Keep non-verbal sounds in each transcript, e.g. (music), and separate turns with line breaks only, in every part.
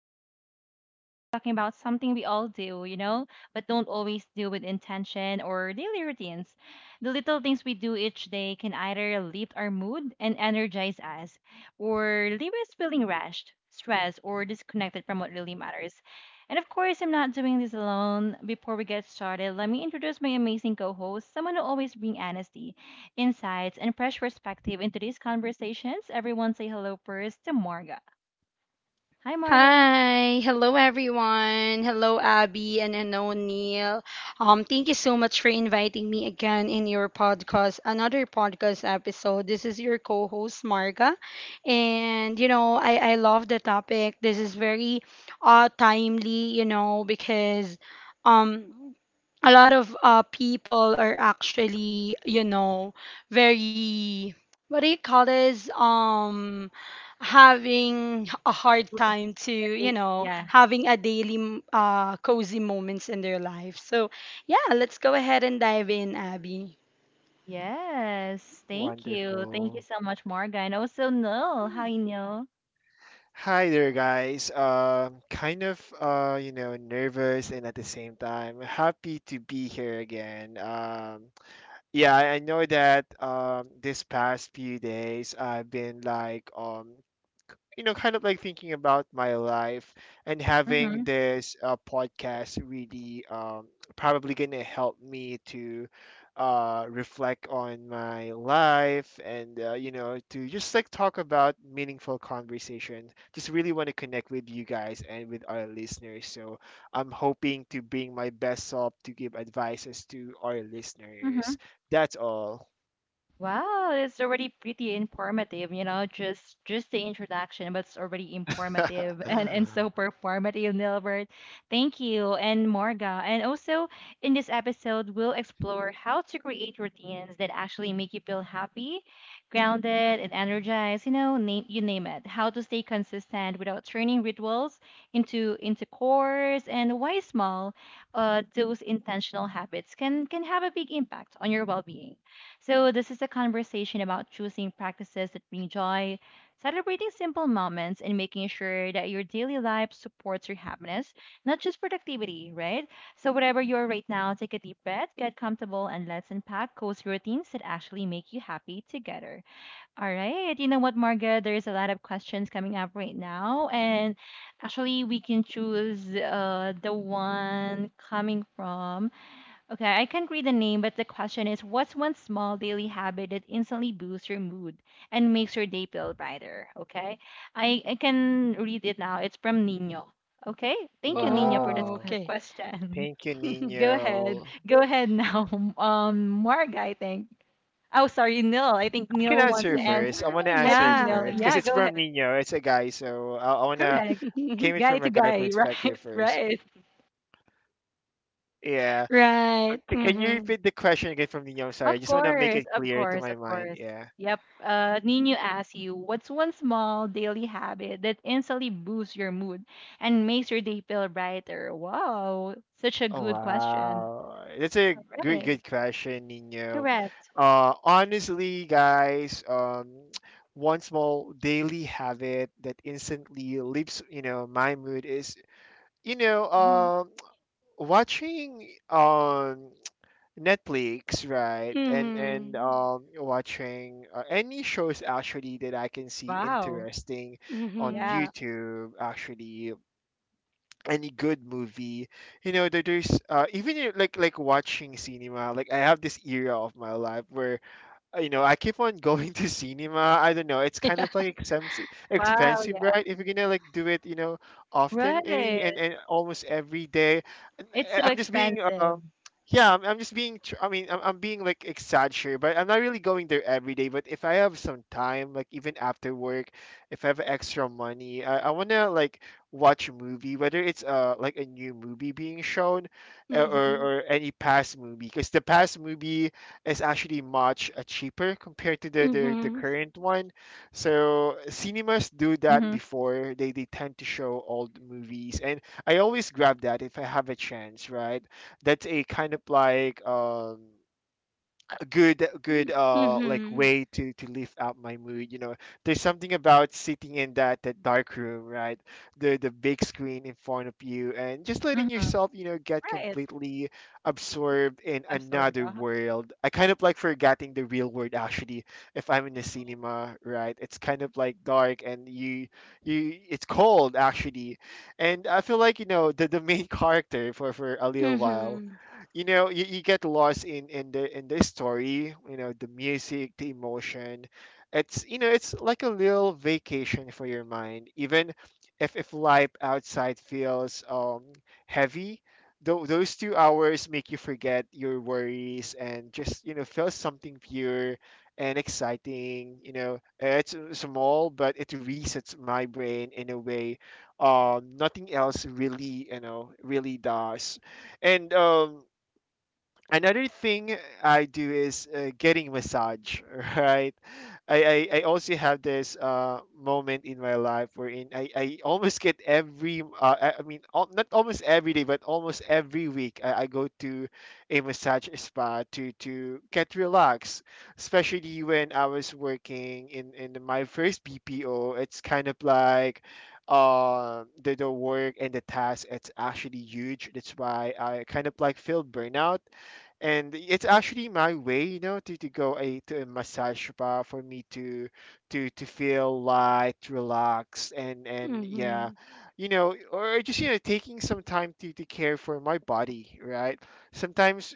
host, Abby again. We're talking about something we all do, you know, but don't always do with intention or daily routines. The little things we do each day can either lift our mood and energize us, or leave us feeling rushed, stressed, or disconnected from what really matters. And of course, I'm not doing this alone. Before we get started, let me introduce my amazing co host, someone who always brings honesty insights, and fresh perspective into these conversations. Everyone say hello first to Marga. Hi, Marga.
Hi, hello everyone. Hello Abby and hello Neil. Thank you so much for inviting me again in your podcast, another podcast episode. This is your co-host Marga. And you know, I love the topic. This is very timely, you know, because um a lot of people are actually, you know, very what do you call this? Having a hard time to you
Hey,
know
yeah.
having a daily cozy moments in their life so yeah, let's go ahead and dive in, Abby.
Yes. Thank you. Thank you
Wonderful.
so much, Marga. And also, Noel. Hi, Noel.
Hi there, guys. Kind of, nervous and at the same time happy to be here again. Yeah, I know that this past few days I've been like kind of like thinking about my life and having
Mm-hmm.
this podcast really probably gonna help me to reflect on my life and you know to just like talk about meaningful conversation. Just really want to connect with you guys and with our listeners. So I'm hoping to bring my best self to give advices to our listeners. That's all.
Wow, it's already pretty informative, you know, just the introduction, but it's already informative (laughs) and
(laughs)
so performative, Nilbert. Thank you, and Morga. And also in this episode, we'll explore how to create routines that actually make you feel happy, grounded, and energized, you know, name you name it. How to stay consistent without turning rituals into chores, and why small those intentional habits can have a big impact on your well-being. So, this is a conversation about choosing practices that bring joy, celebrating simple moments, and making sure that your daily life supports your happiness, not just productivity, right? So, whatever you are right now, take a deep breath, get comfortable, and let's unpack cozy routines that actually make you happy together. All right. You know what, Margaret? There's a lot of questions coming up right now. And actually, we can choose the one coming from. Okay, I can't read the name, but the question is, what's one small daily habit that instantly boosts your mood and makes your day feel brighter? Okay, I can read it now. It's from Nino. Okay, thank you, Nino, for this
Oh,
Wow.
okay.
question.
Thank you,
(laughs)
(laughs)
Go ahead.
Nino.
Go ahead now. (laughs) Marg, I think. Oh, sorry, Neil. I think
I can
Neil wants
answer
to
Yeah,
first. I
answer.
want to
I
answer
think
it
Neil.
first
yeah.
because
Yeah,
it's
go
from
ahead.
Nino. It's a guy, so I want to
Correct.
(laughs)
came it
Guy
from a
to
guy
guy, (laughs)
perspective
right?
first.
Right.
Yeah.
Right.
Okay, can you
Mm-hmm.
repeat the question again from Nino? I'm sorry. I
Of
just want to make
course,
it
of
clear to
course,
my
of
mind.
course.
Yeah.
Yep. Nino asks you, what's one small daily habit that instantly boosts your mood and makes your day feel brighter? Wow, such a
Oh
good question.
wow, that's a good
Right.
good question, Nino.
Correct.
Honestly, guys, (tsk) one small daily habit that instantly lifts, you know, my mood is, you know, um, (tsk) watching Netflix, right? And
Mm-hmm.
watching any shows actually that I can see
Wow.
interesting on
Mm-hmm.
Yeah.
YouTube. Actually, any good movie, you know, there's even you know, like watching cinema. Like I have this era of my life where you know, I keep on (laughs) going to cinema. I don't know. It's kind
Yeah.
of like expensive,
Wow.
expensive,
Yeah.
right? If you're gonna like do it, you know, often any
Right.
and almost every day. And,
It's so
I'm just being,
expensive.
yeah, I'm just being. I mean, I'm being like exaggerated, but I'm not really going there every day. But if I have some time, like even after work, if I have extra money, I wanna like watch a movie, whether it's like a new movie being shown,
Mm-hmm.
or any past movie, because the past movie is actually much cheaper compared to the, the
Mm-hmm.
current one. So cinemas do that
Mm-hmm.
before they tend to show old movies, and I always grab that if I have a chance, right? That's a kind of like a good like
Mm-hmm.
way to lift up my mood, you know? There's something about sitting in that dark room, right? The big screen in front of you and just letting
Mm-hmm.
yourself, you know, get
Right.
completely absorbed in
Absorb.
another
Uh-huh.
world. I kind of like forgetting the real world actually, if I'm in the cinema, right? It's kind of like dark and you it's cold actually, and I feel like, you know, the main (laughs) character for a little while.
Mm-hmm.
You know, you get lost in the story, you know, the music, the emotion. It's, you know, it's like a little vacation for your mind, even if life outside feels heavy. Those 2 hours make you forget your worries and just, you know, feel something pure and exciting. You know, it's small, but it resets my brain in a way nothing else really, you know, really does. And another thing I do is getting massage, (laughs) right? I also have this moment in my life wherein I almost get every, I mean, not almost every day, but almost every week I go to a massage spa to get relaxed, especially when I was working in my first BPO. It's kind of like the work and the task, it's actually huge. That's why I kind of like feel burnout, and it's actually my way, you know, to go a, to a massage bar for me to feel light relaxed and yeah,
Mm-hmm.
you know, or just, you know, taking some time to care for my body, right? Sometimes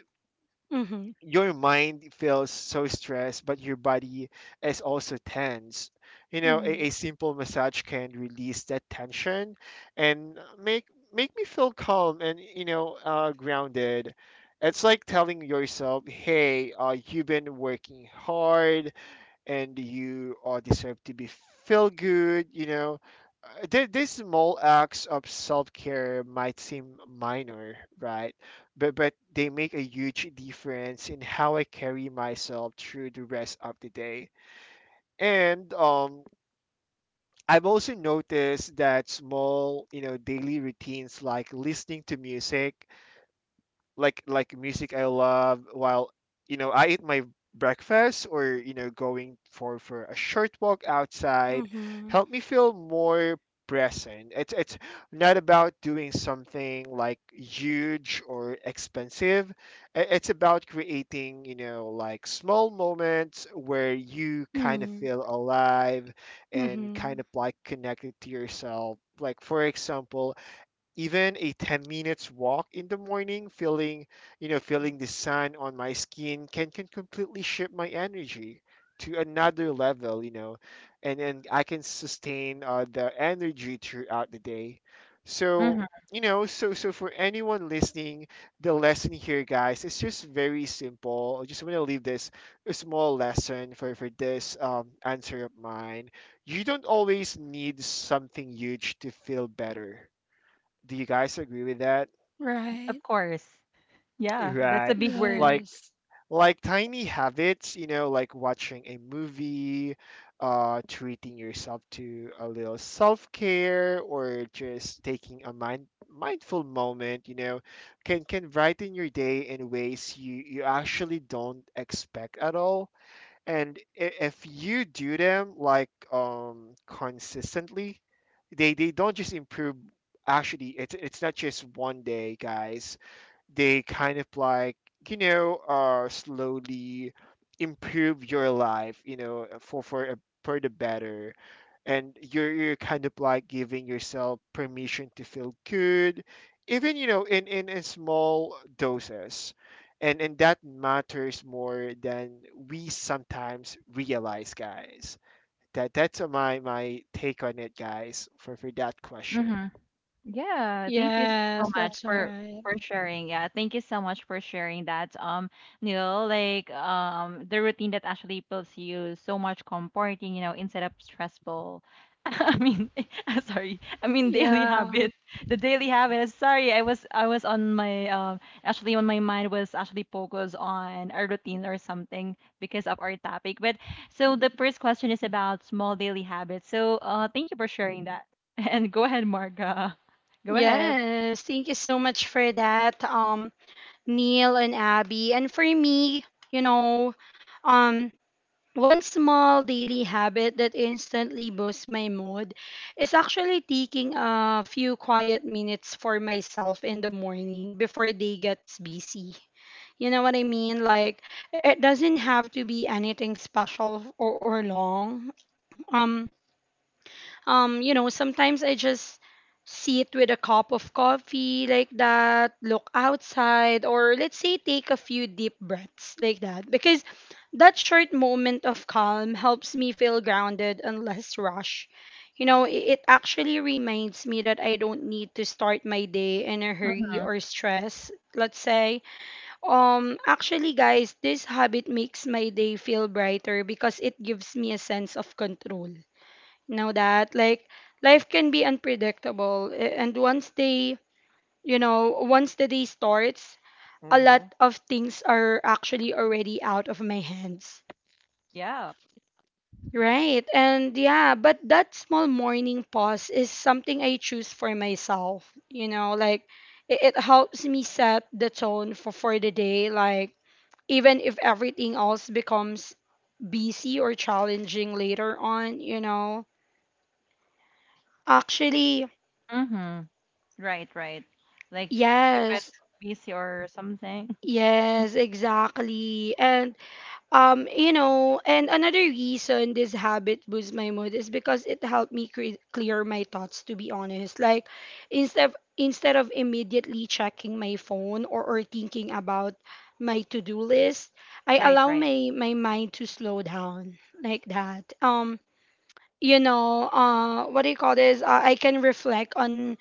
Mm-hmm.
your mind feels so stressed, but your body is also tense. You know,
Mm-hmm.
a simple massage can release that tension and make me feel calm and, you know, grounded. It's like telling yourself, "Hey, you've been working hard and you all deserve to be feel good, you know." These small acts of self-care might seem minor, right? But they make a huge difference in how I carry myself through the rest of the day. And I've also noticed that small, you know, daily routines like listening to music, like music I love while, you know, I eat my breakfast, or, you know, going for a short walk outside help me feel more present. It's not about doing something like huge or expensive. It's about creating, you know, like small moments where you kind of
Mm-hmm.
feel alive and
Mm-hmm.
kind of like connected to yourself. Like for example, even a 10 minutes walk in the morning, feeling, you know, feeling the sun on my skin can completely shift my energy to another level, you know, and I can sustain the energy throughout the day. So,
Mm-hmm.
you know, so so for anyone listening, the lesson here, guys, is just very simple. I just want to leave this a small lesson for this answer of mine. You don't always need something huge to feel better. Do you guys agree with that?
Right.
Of course. Yeah, that's a
Right.
big word.
Like
Yes.
like tiny habits, you know, like watching a movie, uh, treating yourself to a little self-care, or just taking a mindful moment, you know, can brighten your day in ways you actually don't expect at all. And if you do them like consistently, they don't just improve, actually it's not just one day, guys. They kind of like, you know, uh, slowly improve your life, you know, for for the better. And you're kind of like giving yourself permission to feel good, even, you know, in in small doses. And that matters more than we sometimes realize, guys. That's my my take on it, guys, for that question.
Mm-hmm. Yeah, thank you
Yes,
so much
that's all
for
right.
sharing. Yeah, thank you so much for sharing that. You know, like the routine that actually feels you so much comforting, you know, instead of stressful. (laughs) I mean, (laughs) I'm sorry. I mean daily
Yeah.
habit. The daily habit. Sorry, I was on my actually on my mind was actually focused on a routine or something because of our topic. But so the first question is about small daily habits. So, thank you for sharing that. (laughs) And go ahead, Marga. Go ahead.
Yes, thank you so much for that, Neil and Abby. And for me, you know, um, one small daily habit that instantly boosts my mood is actually taking a few quiet minutes for myself in the morning before day gets busy. You know what I mean? Like, it doesn't have to be anything special or long. um you know sometimes I just sit with a cup of coffee like that, look outside, or let's say take a few deep breaths like that, because that short moment of calm helps me feel grounded and less rush. You know, it actually reminds me that I don't need to start my day in a hurry
Mm-hmm.
or stress, let's say. Actually guys, this habit makes my day feel brighter because it gives me a sense of control. Know that like life can be unpredictable, and once they you know once the day starts, a lot
Mm-hmm.
of things are actually already out of my hands,
Yeah.
right? And yeah, but that small morning pause is something I choose for myself, you know. Like it helps me set the tone for the day, like even if everything else becomes busy or challenging later on, you know, actually.
Mm-hmm. Right, right. Like if
Yes.
it's busy or something. (laughs)
Yes, exactly. And you know, and another reason this habit boosts my mood is because it helped me clear my thoughts, to be honest. Like instead of immediately checking my phone, or thinking about my to-do list, I
Right,
allow
right.
my my mind to slow down like that. You know, what do you call this? I can reflect on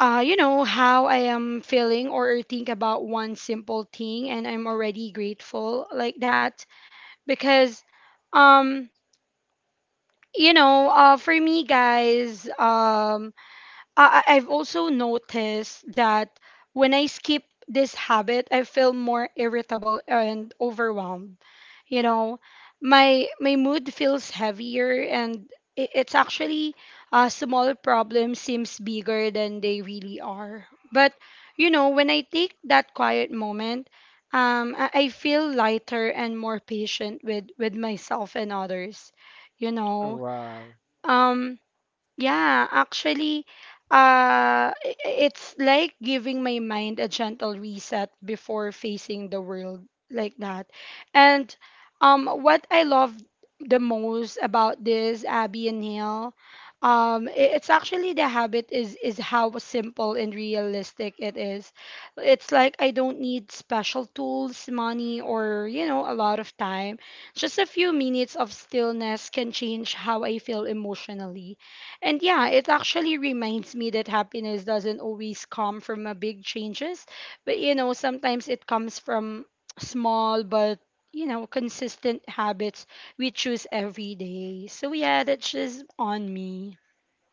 you know, how I am feeling, or think about one simple thing and I'm already grateful like that, because um you know, for me guys, I've also noticed that when I skip this habit, I feel more irritable and overwhelmed. You know, my mood feels heavier, and I it's actually a small problem seems bigger than they really are. But you know, when I take that quiet moment, I feel lighter and more patient with myself and others. You know,
Wow.
um. Yeah, actually, uh, i- it's like giving my mind a gentle reset before facing the world, like that. And what I love the most about this, Abby and Neil, um, i- it's actually the habit is how simple and realistic it is. It's like I don't need special tools, money, or you know, a lot of time. Just a few minutes of stillness can change how I feel emotionally. And yeah, it actually reminds me that happiness doesn't always come from a big changes, but you know, sometimes it comes from small but you know consistent habits we choose every day. So yeah, that's just on me.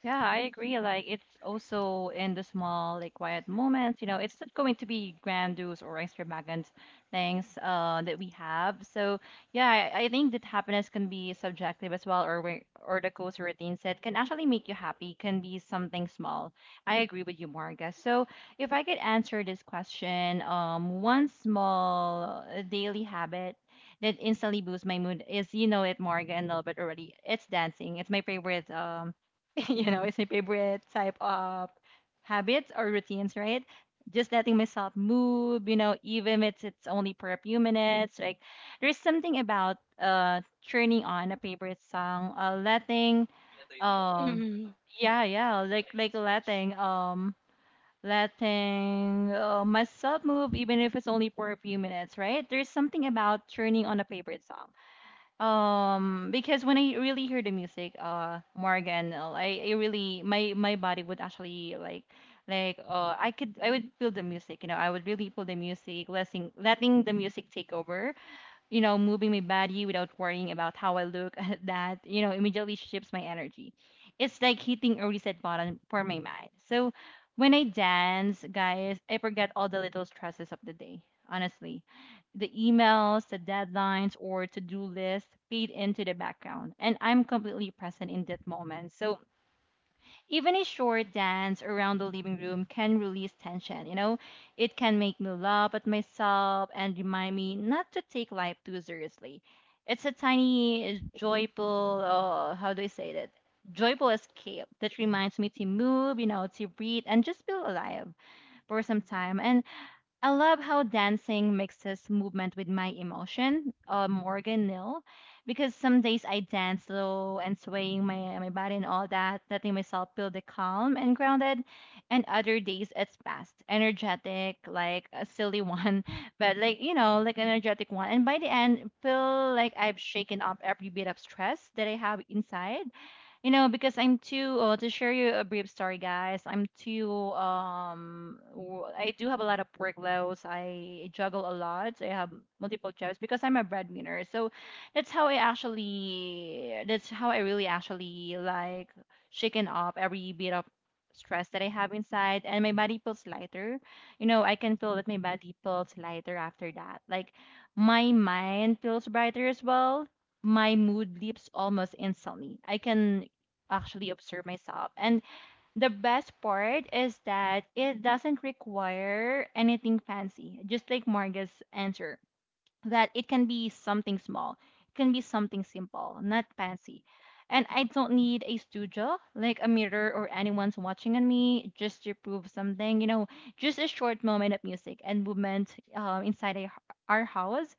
Yeah, I agree. Like it's also in the small, like quiet moments, you know, it's not going to be grandiose or extravagant things that we have. So yeah, I think that happiness can be subjective as well, or where or the cozy routine set can actually make you happy, can be something small. I agree with you, Marga. So if I could answer this question, one small daily habit that instantly boosts my mood is, you know it, Marga and Albert already. It's dancing. It's my favorite (laughs) you know, it's my favorite type of habits or routines, right? Just letting myself move, you know, even if it's only for a few minutes. Like there's something about turning on a favorite song, letting um
Mhm.
yeah, yeah, like letting letting myself move even if it's only for a few minutes, right? There's something about turning on a favorite song because when I really hear the music, Morgan, and I really my body would actually I would feel the music, you know, I would really feel the music, letting the music take over, you know, moving my body without worrying about how I look. (laughs) That, you know, immediately shifts my energy. It's like hitting a reset button for my mind. So when I dance, guys, I forget all the little stresses of the day. Honestly, the emails, the deadlines, or to do list fade into the background, and I'm completely present in that moment. So even a short dance around the living room can release tension, you know? It can make me laugh at myself and remind me not to take life too seriously. It's a tiny, joyful, how do I say that? Joyful escape that reminds me to move, you know, to breathe and just feel alive for some time. And I love how dancing mixes movement with my emotion, Morgan Nil, because some days I dance slow and swaying my body and all that, letting myself feel the calm and grounded, and other days it's fast, energetic, like a silly one, (laughs) but like, you know, like an energetic one. And by the end, feel like I've shaken off every bit of stress that I have inside, you know, because I'm too, to share you a brief story, guys. I'm too I do have a lot of workloads. I juggle a lot. I have multiple jobs because I'm a breadwinner. So that's how I really actually like shaken off every bit of stress that I have inside, and my body feels lighter. You know, I can feel that my body feels lighter after that. Like my mind feels brighter as well, my mood leaps almost instantly. I can actually observe myself. And the best part is that it doesn't require anything fancy, just like Marga's answer, that it can be something small, it can be something simple, not fancy. And I don't need a studio, like a mirror or anyone's watching on me just to prove something. You know, just a short moment of music and movement, inside our house,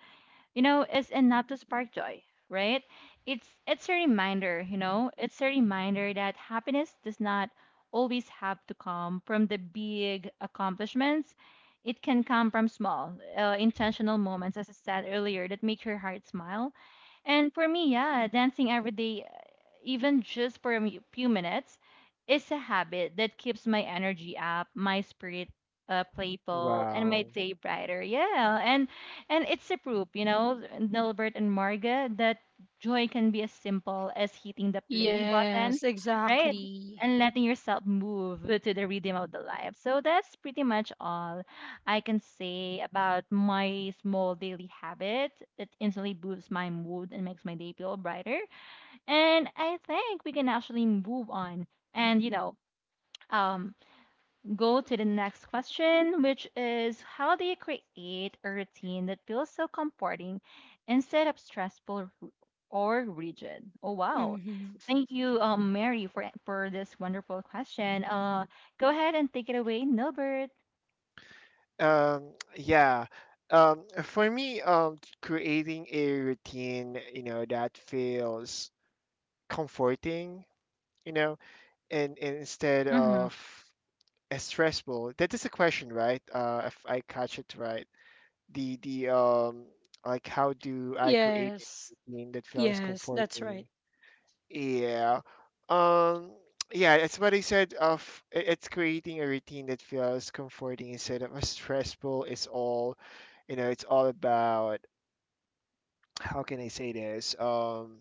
you know, is enough to spark joy, right? It's a reminder, you know, it's a reminder that happiness does not always have to come from the big accomplishments. It can come from small, intentional moments, as I said earlier, that make your heart smile. And for me, yeah, dancing every day, even just for a few minutes, is a habit that keeps my energy up, my spirit playful, and my
Wow.
day brighter. Yeah, and it's a proof, you know, Nilbert and Marga, that joy can be as simple as hitting the play button,
Yes,
right?
exactly.
And letting yourself move to the rhythm of the life. So that's pretty much all I can say about my small daily habit that instantly boosts my mood and makes my day feel brighter. And I think we can actually move on and, you know, um, go to the next question, which is how do you create a routine that feels so comforting instead of stressful or rigid? Oh, wow.
Hmm.
Thank you, Mary, for this wonderful question. Go ahead and take it away, Nilbert.
(tsk) Yeah. For me, creating a routine, you know, that feels comforting, you know, and instead
Mm-hmm.
of stressful. That is the question, right? If I catch it right. The Like how do I create a
Yes.
routine that feels
Yes, that's
comforting?
right.
Yeah. Um (tsk) yeah, that's what I said of it's creating a routine that feels comforting instead of a stressful. It's all, you know, it's all about how can I say this?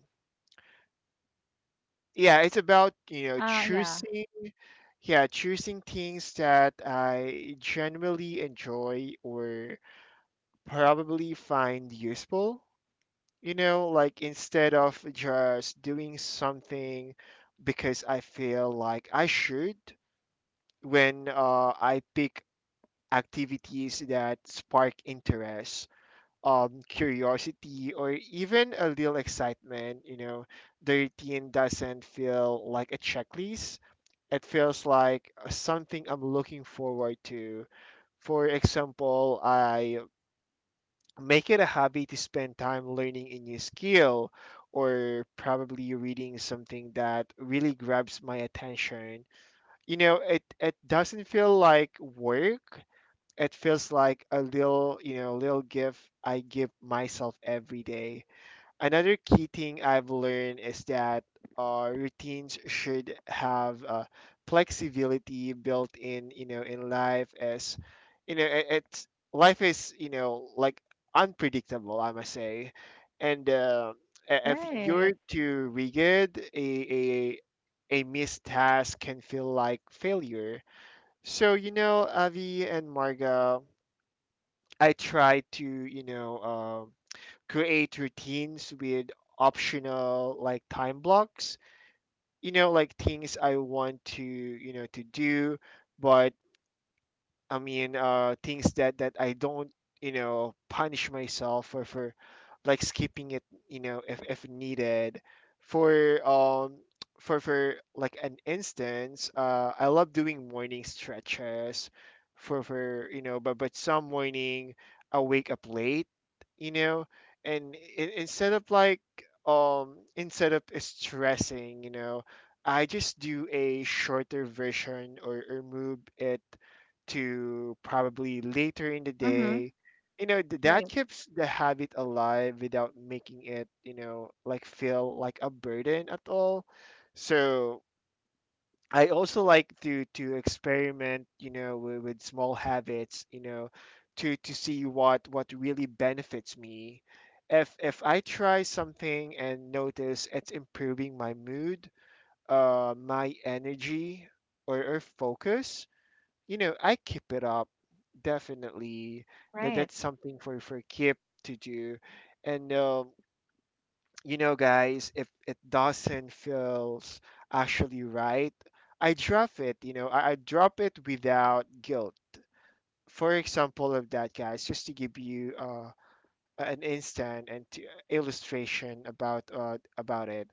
Yeah, it's about, you know,
Yeah.
choosing yeah, choosing things that I genuinely enjoy or probably find useful. You know, like instead of just doing something because I feel like I should, when I pick activities that spark interest, curiosity, or even a little excitement, you know, the routine doesn't feel like a checklist. It feels like something I'm looking forward to. For example, I make it a hobby to spend time learning a new skill or probably reading something that really grabs my attention. You know, it doesn't feel like work. It feels like a little, you know, little gift I give myself every day. Another key thing I've learned is that routines should have flexibility built in, you know, in life as, you know, it, it's life is, you know, like unpredictable, I must say. And if you're
Right.
too rigid, a, a missed task can feel like failure. So, you know, Avi and Marga, I try to, you know, create routines with optional like time blocks, you know, like things I want to, you know, to do but I mean, things that that I don't, you know, punish myself for like skipping it, you know, if needed. For (tsk) for like an instance, I love doing morning stretches. For you know, but some morning I wake up late, you know, and instead of like instead of stressing, you know, I just do a shorter version or move it to probably later in the
Mhm.
day. You know, that
Right,
keeps the habit alive without making it, you know, like feel like a burden at all. So I also like to experiment, you know, with small habits, you know, to see what really benefits me. If I try something and notice it's improving my mood, my energy or focus, you know, I keep it up. Definitely, that
right.
that's something for Kip to do. And you know, guys, if it doesn't feels actually right, I drop it. You know, I drop it without guilt. For example of that, guys, just to give you an instant and to illustration about it.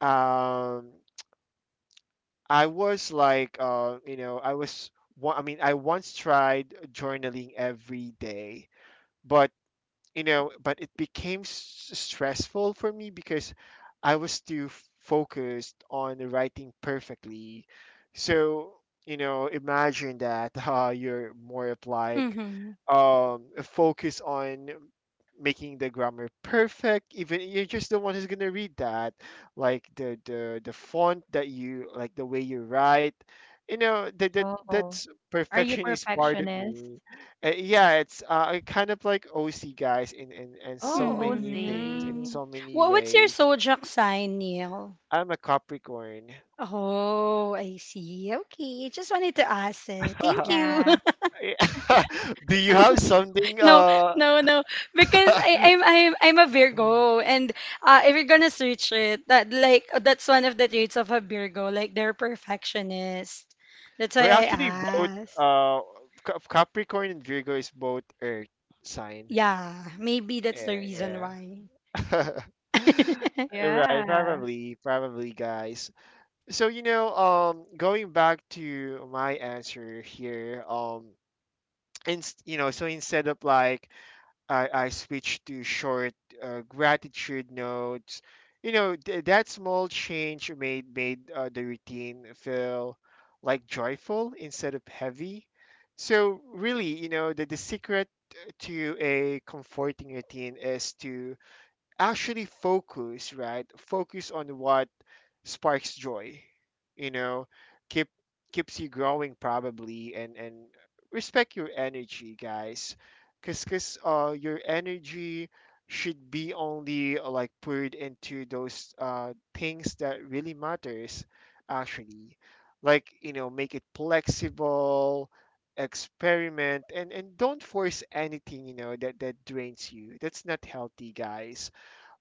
Um, I was like, you know, I was. Wa- I mean, I once tried journaling every day, but but it became stressful for me because I was too focused on writing perfectly. So, you know, imagine that (laughs) you're more of like
Hmm.
a focus on making the grammar perfect. Even you're just the one who's gonna read that, like the font that you like, the way you write. You know that that
Oh.
that's
Are you
perfection is part of
perfectionist?
me. Yeah, it's kind of like OC guys in so
Oh,
many things, in
OZ.
Hmm.
so many
What what's your
ways.
zodiac sign, Neil?
I'm a Capricorn.
Oh, I see. Okay. Just wanted to ask it. Thank
(laughs)
you. (laughs)
Yeah.
Yeah. (laughs) Do you have something?
No, no, no. Because
(laughs)
I, I'm a Virgo, and if you're gonna search it, that like that's one of the traits of a Virgo, like they're perfectionist. That's
We're
why I
actually both
asked.
uh, Capricorn and Virgo is both Earth sign.
Yeah, maybe that's the
Yeah,
reason why.
yeah. (laughs)
(laughs)
Right,
Yeah.
probably, guys. So, you know, going back to my answer here, and you know, so instead of like I switched to short gratitude notes. You know, that small change made the routine feel like joyful instead of heavy. So really, you know, the secret to a comforting routine is to actually focus, right, focus on what sparks joy. You know, keep, keeps you growing probably, and respect your energy, guys, because your energy should be only like poured into those things that really matters actually. Like, you know, make it flexible, experiment, and don't force anything, you know, that drains you. That's not healthy, guys.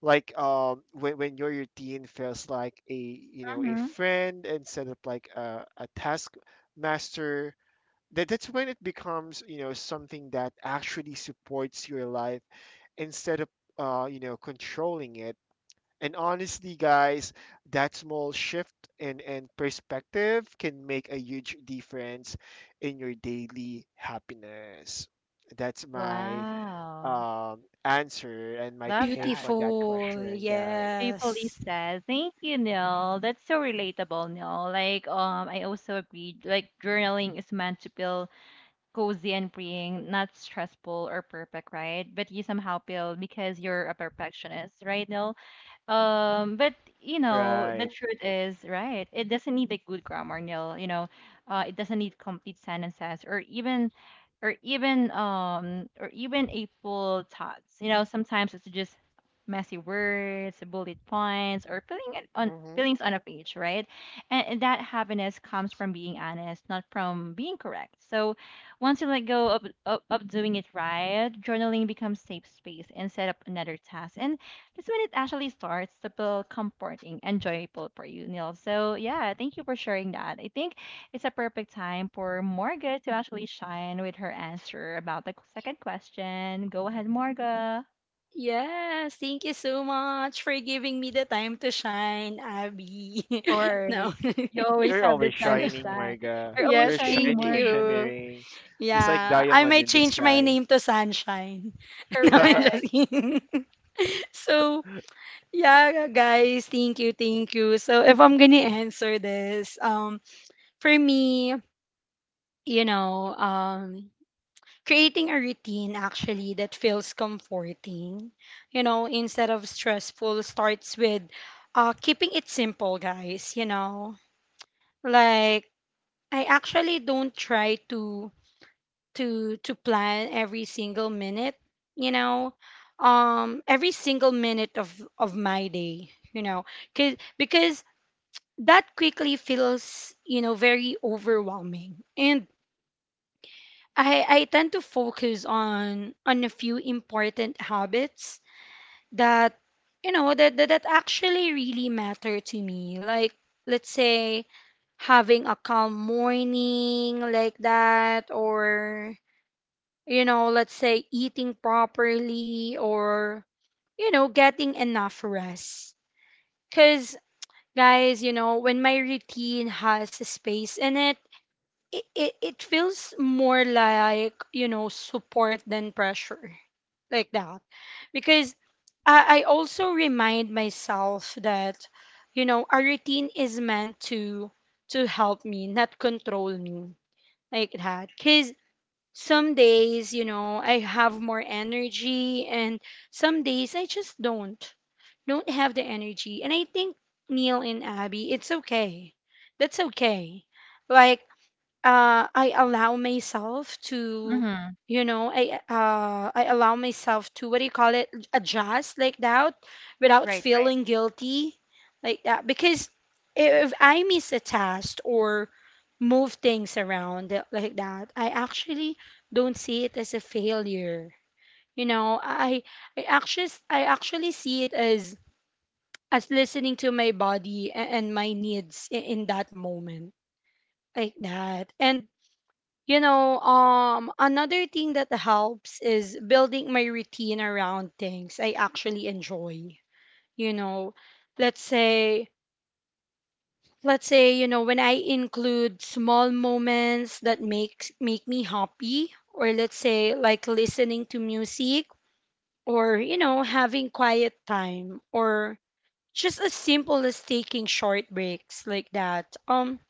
Like, when your routine feels like, a you know, a
Mhm.
friend instead of like a task master, that's when it becomes, you know, something that actually supports your life, instead of you know, controlling it. And honestly, guys, that small shift and perspective can make a huge difference in your daily happiness. That's my
Wow.
um answer and my
Love
take
that.
on that
Beautiful.
question, guys.
Beautifully
Yes.
said. Thank you, Neil. That's so relatable, Neil. Like, I also agree. Like, journaling is meant to feel cozy and freeing, not stressful or perfect, right? But you somehow feel because you're a perfectionist, right, Neil? But you know, the
Right.
truth is, right, it doesn't need a good grammar, Neil. You know, it doesn't need complete sentences or even a full thoughts. You know, sometimes it's just messy words, bullet points, or
Mm-hmm.
feelings on a page, right? And, that happiness comes from being honest, not from being correct. So once you let go of, of doing it right, journaling becomes safe space and set up another task. And that's when it actually starts to feel comforting, and joyful for you, Neil. So yeah, thank you for sharing that. I think it's a perfect time for Morga to actually shine with her answer about the second question. Go ahead, Morga.
Yes, thank you so much for giving me the time to shine, Abby.
Of
(laughs) No. (laughs)
course. You always
You're
have the
always
time to
(laughs)
shining,
shine.
Marga.
You're always
You're
Yes,
shining,
thank
shining,
Morga.
you.
shimmering, just like
Yeah, I
diamond
might
in the
change my
sky.
name to Sunshine. (laughs) No, I'm just
Correct.
kidding. (laughs) So, yeah, guys, thank you, thank you. So, if I'm gonna answer this, for me, you know, creating a routine actually that feels comforting, you know, instead of stressful starts with keeping it simple, guys, you know, like I actually don't try to plan every single minute, you know, um, every single minute of my day, you know, cuz because that quickly feels you know very overwhelming, and I tend to focus on a few important habits that you know that that, that actually really matter to me. Like let's say having a calm morning like that, or you know, let's say eating properly, or you know, getting enough rest. Because, guys, you know, when my routine has a space in it, it feels more like, you know, support than pressure. Like that. Because I also remind myself that, you know, a routine is meant to help me, not control me. Like that. Because some days, you know, I have more energy, and some days I just don't have the energy. And I think Neil and Abby, it's okay. That's okay. Like, I allow myself to,
Mm-hmm.
you know, I allow myself to, what do you call it, adjust like that, without
Right,
feeling guilty like that, because if I miss a test, or move things around like that, I actually don't see it as a failure. You know, I actually see it as listening to my body, and my needs in that moment like that. And you know, another thing that helps is building my routine around things I actually enjoy. You know, let's say, let's say, you know, when I include small moments that makes make me happy, or let's say like listening to music, or you know, having quiet time, or just as simple as taking short breaks like that.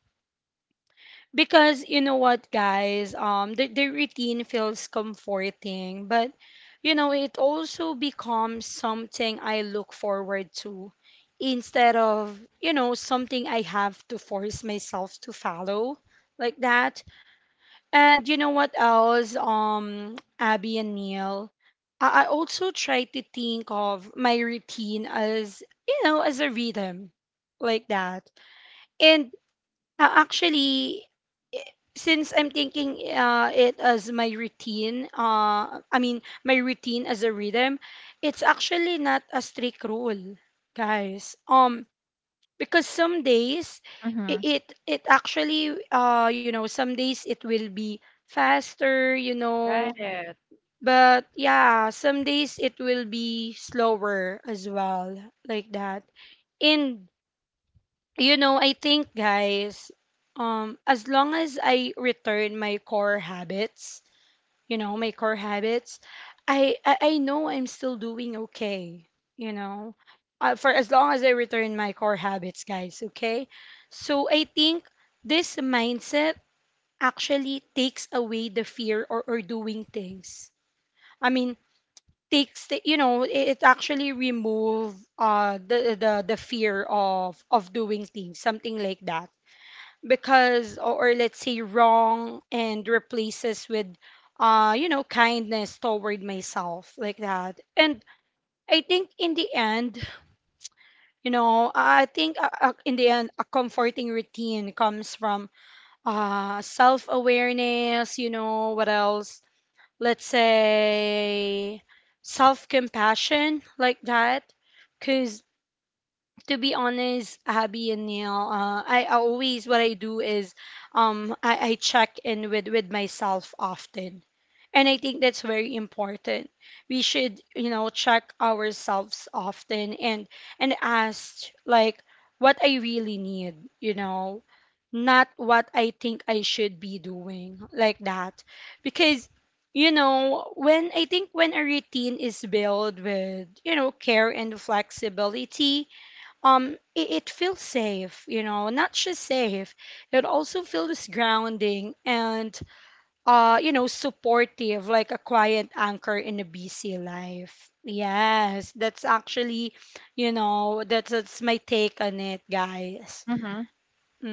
Because you know what, guys, the routine feels comforting, but you know, it also becomes something I look forward to instead of, you know, something I have to force myself to follow like that. And you know what else, Abby and Neil, I also try to think of my routine as, you know, as a rhythm like that. And actually, i- since I'm thinking it as my routine, I mean, my routine as a rhythm, it's actually not a strict rule, guys. Because some days it
Mm-hmm.
it, it actually you know, some days it will be faster, you know,
right, Mm-hmm. right.
but yeah, some days it will be slower as well, like that. And you know, I think, guys, as long as I return my core habits, you know, my core habits, I know I'm still doing okay. You know, for as long as I return my core habits, guys. Okay, so I think this mindset actually takes away the fear or doing things. I mean, takes the, you know, it actually remove the fear of doing things, something like that, because or let's say wrong, and replaces with you know kindness toward myself like that. And I think in the end, you know, I think in the end a comforting routine comes from self awareness. You know what else, let's say self compassion like that, cuz to be honest, Abby and Neil, I always what I do is um, I check in with myself often. And I think that's very important. We should, you know, check ourselves often, and ask like what I really need, you know, not what I think I should be doing like that. Because you know, when I think when a routine is built with, you know, care and flexibility, it feels safe. You know, not just safe, it also feels grounding and you know supportive, like a quiet anchor in a busy life. Yes, that's actually you know that's my take on it, guys.
Mm-hmm.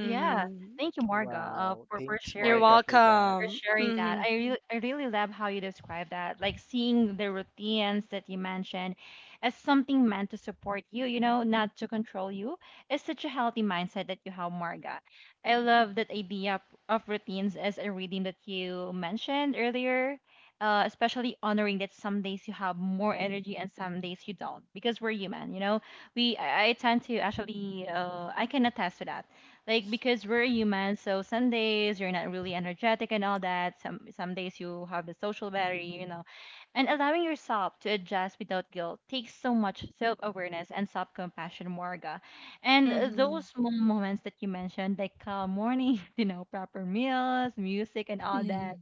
Yeah. Thank you,
(laughs)
Morga,
Wow.
for,
Thanks,
You're
sharing.
Marga, for that.
For
welcome.
sharing that.
Mm-hmm.
I really love how you describe that, like seeing the routines that you mentioned as something meant to support you, you know, not to control you. It's such a healthy mindset that you have, Marga. I love that idea of routines as a reading that you mentioned earlier. Especially honoring that some days you have more energy and some days you don't because we're human, you know, I tend to actually, I can attest to that, like because we're human. So some days you're not really energetic and all that, some days you have the social battery, you know, and allowing yourself to adjust without guilt takes so much self-awareness and self-compassion, Morga. And those
Mm-hmm.
small moments that you mentioned, like calm morning, (laughs) you know, proper meals, music, and all that.
Mm-hmm.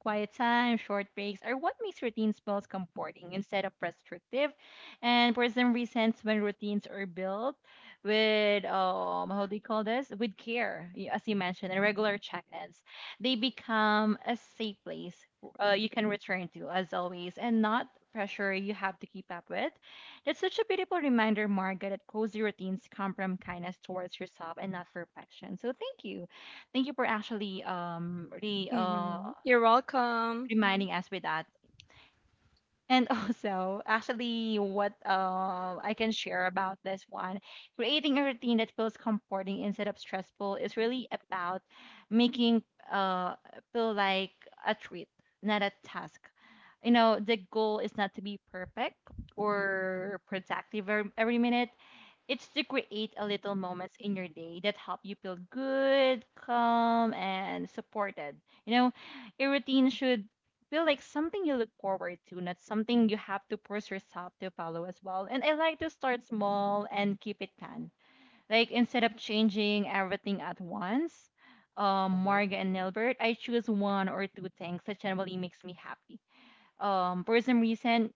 Quiet time, short breaks are what makes routines feel comforting instead of restrictive. And for some reasons, when routines are built with, how do you call this? With care, as you mentioned, and regular check ins, they become a safe place you can return to, as always, and not pressure you have to keep up with. That's such a beautiful reminder, Margaret, that cozy routines come from kindness towards yourself and not perfection. So thank you for actually re
Mm-hmm. You're welcome.
reminding us with that. And (laughs) also, actually, what I can share about this one, creating a routine that feels comforting instead of stressful is really about making uh feel like a treat, not a task. You know, the goal is not to be perfect or productive every minute, it's to create a little moments in your day that help you feel good, calm, and supported. You know, your routine should feel like something you look forward to, not something you have to force yourself to follow as well. And I like to start small and keep it planned. Like instead of changing everything at once, Marga and Nilbert, I choose one or two things that generally makes me happy. Um, for some reason,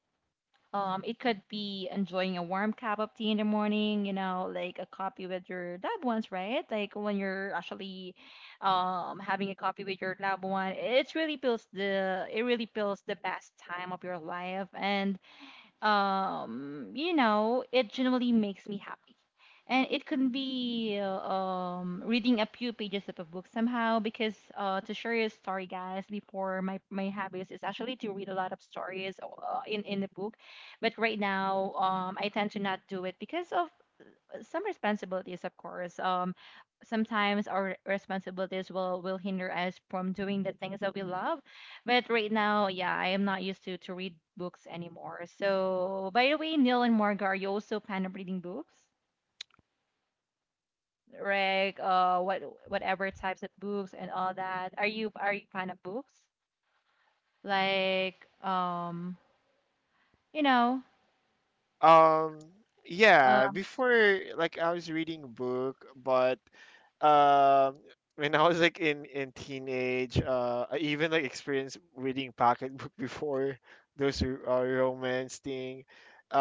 it could be enjoying a warm cup of tea in the morning, you know, like a coffee with your loved ones, right? Like when you're actually having a coffee with your loved one, it really feels the best time of your life. And you know, it generally makes me happy. And it can be reading a few pages of a book somehow because, to share a story, guys, before, my habits is actually to read a lot of stories in the book. But right now, I tend to not do it because of some responsibilities, of course. Sometimes our responsibilities will hinder us from doing the things that we love. But right now, yeah, I am not used to read books anymore. So, by the way, Neil and Marga, are you also fan of reading books? Like, what whatever types of books and all that. Are you fan of books? Like, you know,
Um,
uh,
yeah, before, like, I was reading a book, but um when I was like in teenage, I even like experienced reading pocketbook (laughs) before those romance thing.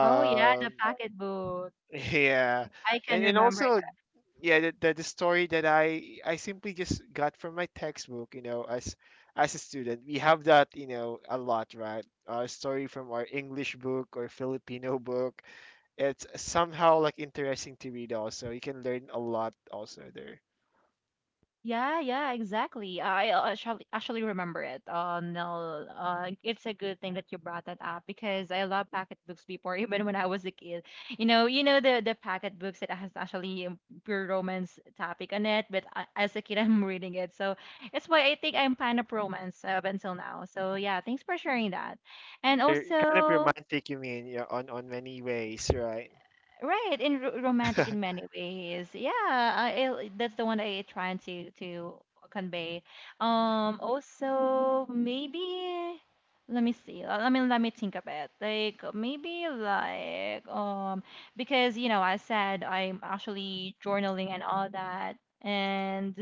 oh yeah, the packet book.
(laughs) yeah.
I can
And
remember.
also, yeah, the story that I simply just got from my textbook, you know, as a student. We have that, you know, a lot, right? A story from our English book or Filipino book. It's somehow like interesting to read. Also, you can learn a lot also there.
Yeah, yeah, exactly. I, actually remember it. No, It's a good thing that you brought that up because I love packet books before, (laughs) even when I was a kid. You know the packet books that has actually, pure romance topic on it, but I, as a kid, (laughs) I'm reading it, so it's why I think I'm fan of romance up until now. So yeah, thanks for sharing that. And
They're kind of
also,
romantic, you mean, yeah, on many ways, right?
right, and ro romantic in
(laughs)
many ways. Yeah, that's the one I trying to convey. Also maybe let me see. Let me think of it. Like maybe because you know I said I'm actually journaling and all that, and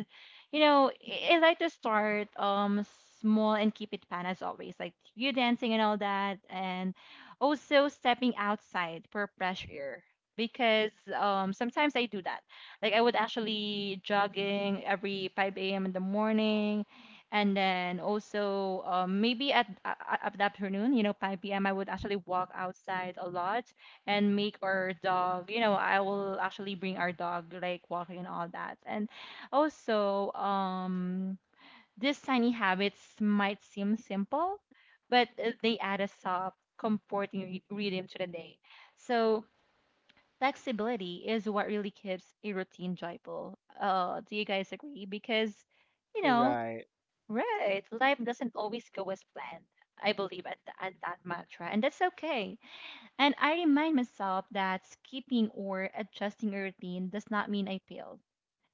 you know I like to start small and keep it fun as always, like you dancing and all that, and also stepping outside for fresh air because, sometimes I do that. Like I would actually jogging every 5 a.m. in the morning, and then also, maybe at the afternoon, you know, 5 p.m. I would actually walk outside a lot and make our dog. You know, I will actually bring our dog like walking and all that. And also, these tiny habits might seem simple, but they add a soft, comforting rhythm to the day. So flexibility is what really keeps a routine joyful. Do you guys agree? Because, you know,
Right,
right, life doesn't always go as planned. I believe at that mantra, and that's okay. And I remind myself that skipping or adjusting a routine does not mean I failed.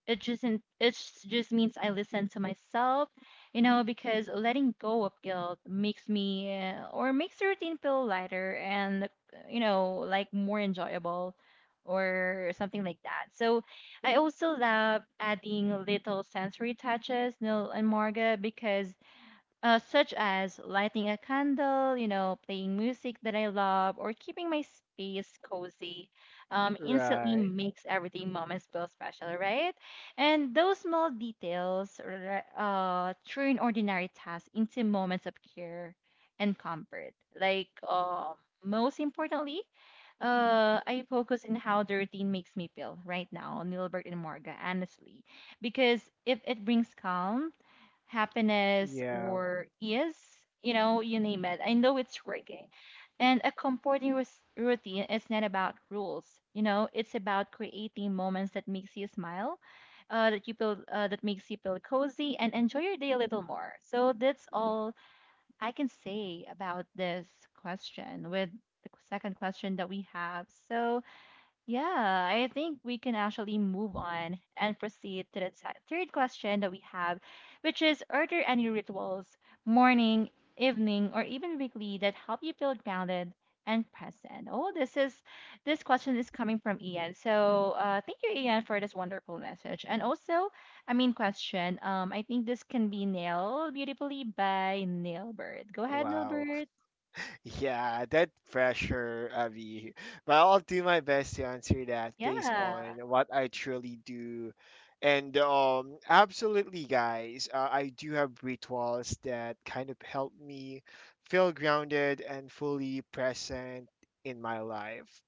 It just means I listen to myself, you know, because letting go of guilt makes me, or makes the routine feel lighter and, you know, like more enjoyable or something like that. So I also love adding little sensory touches, Nil and Marga, because, such as lighting a candle, you know, playing music that I love, or keeping my space cozy, instantly
right.
makes everything moments feel special, right? And those small details, turn ordinary tasks into moments of care and comfort. Like, most importantly, I focus in how the routine makes me feel right now, Nilbert and Morga, honestly, because if it brings calm, happiness
Yeah.
or ease, you know, you name it. I know it's working. And a comforting routine is not about rules, you know, it's about creating moments that makes you smile, that makes you feel cozy and enjoy your day a little more. So that's all I can say about this question with the second question that we have. So yeah, I think we can actually move on and proceed to the third question that we have, which is, are there any rituals, morning, evening, or even weekly that help you feel grounded and present? Oh, this question is coming from Ian. So, thank you, Ian, for this wonderful message. And also, I mean, question. I think this can be nailed beautifully by Nailbird. Go ahead,
Wow.
Nailbird.
Yeah, that pressure, Avi. But I'll do my best to answer that based
Yeah.
on what I truly do. And absolutely, guys, I do have rituals that kind of help me feel grounded and fully present in my life.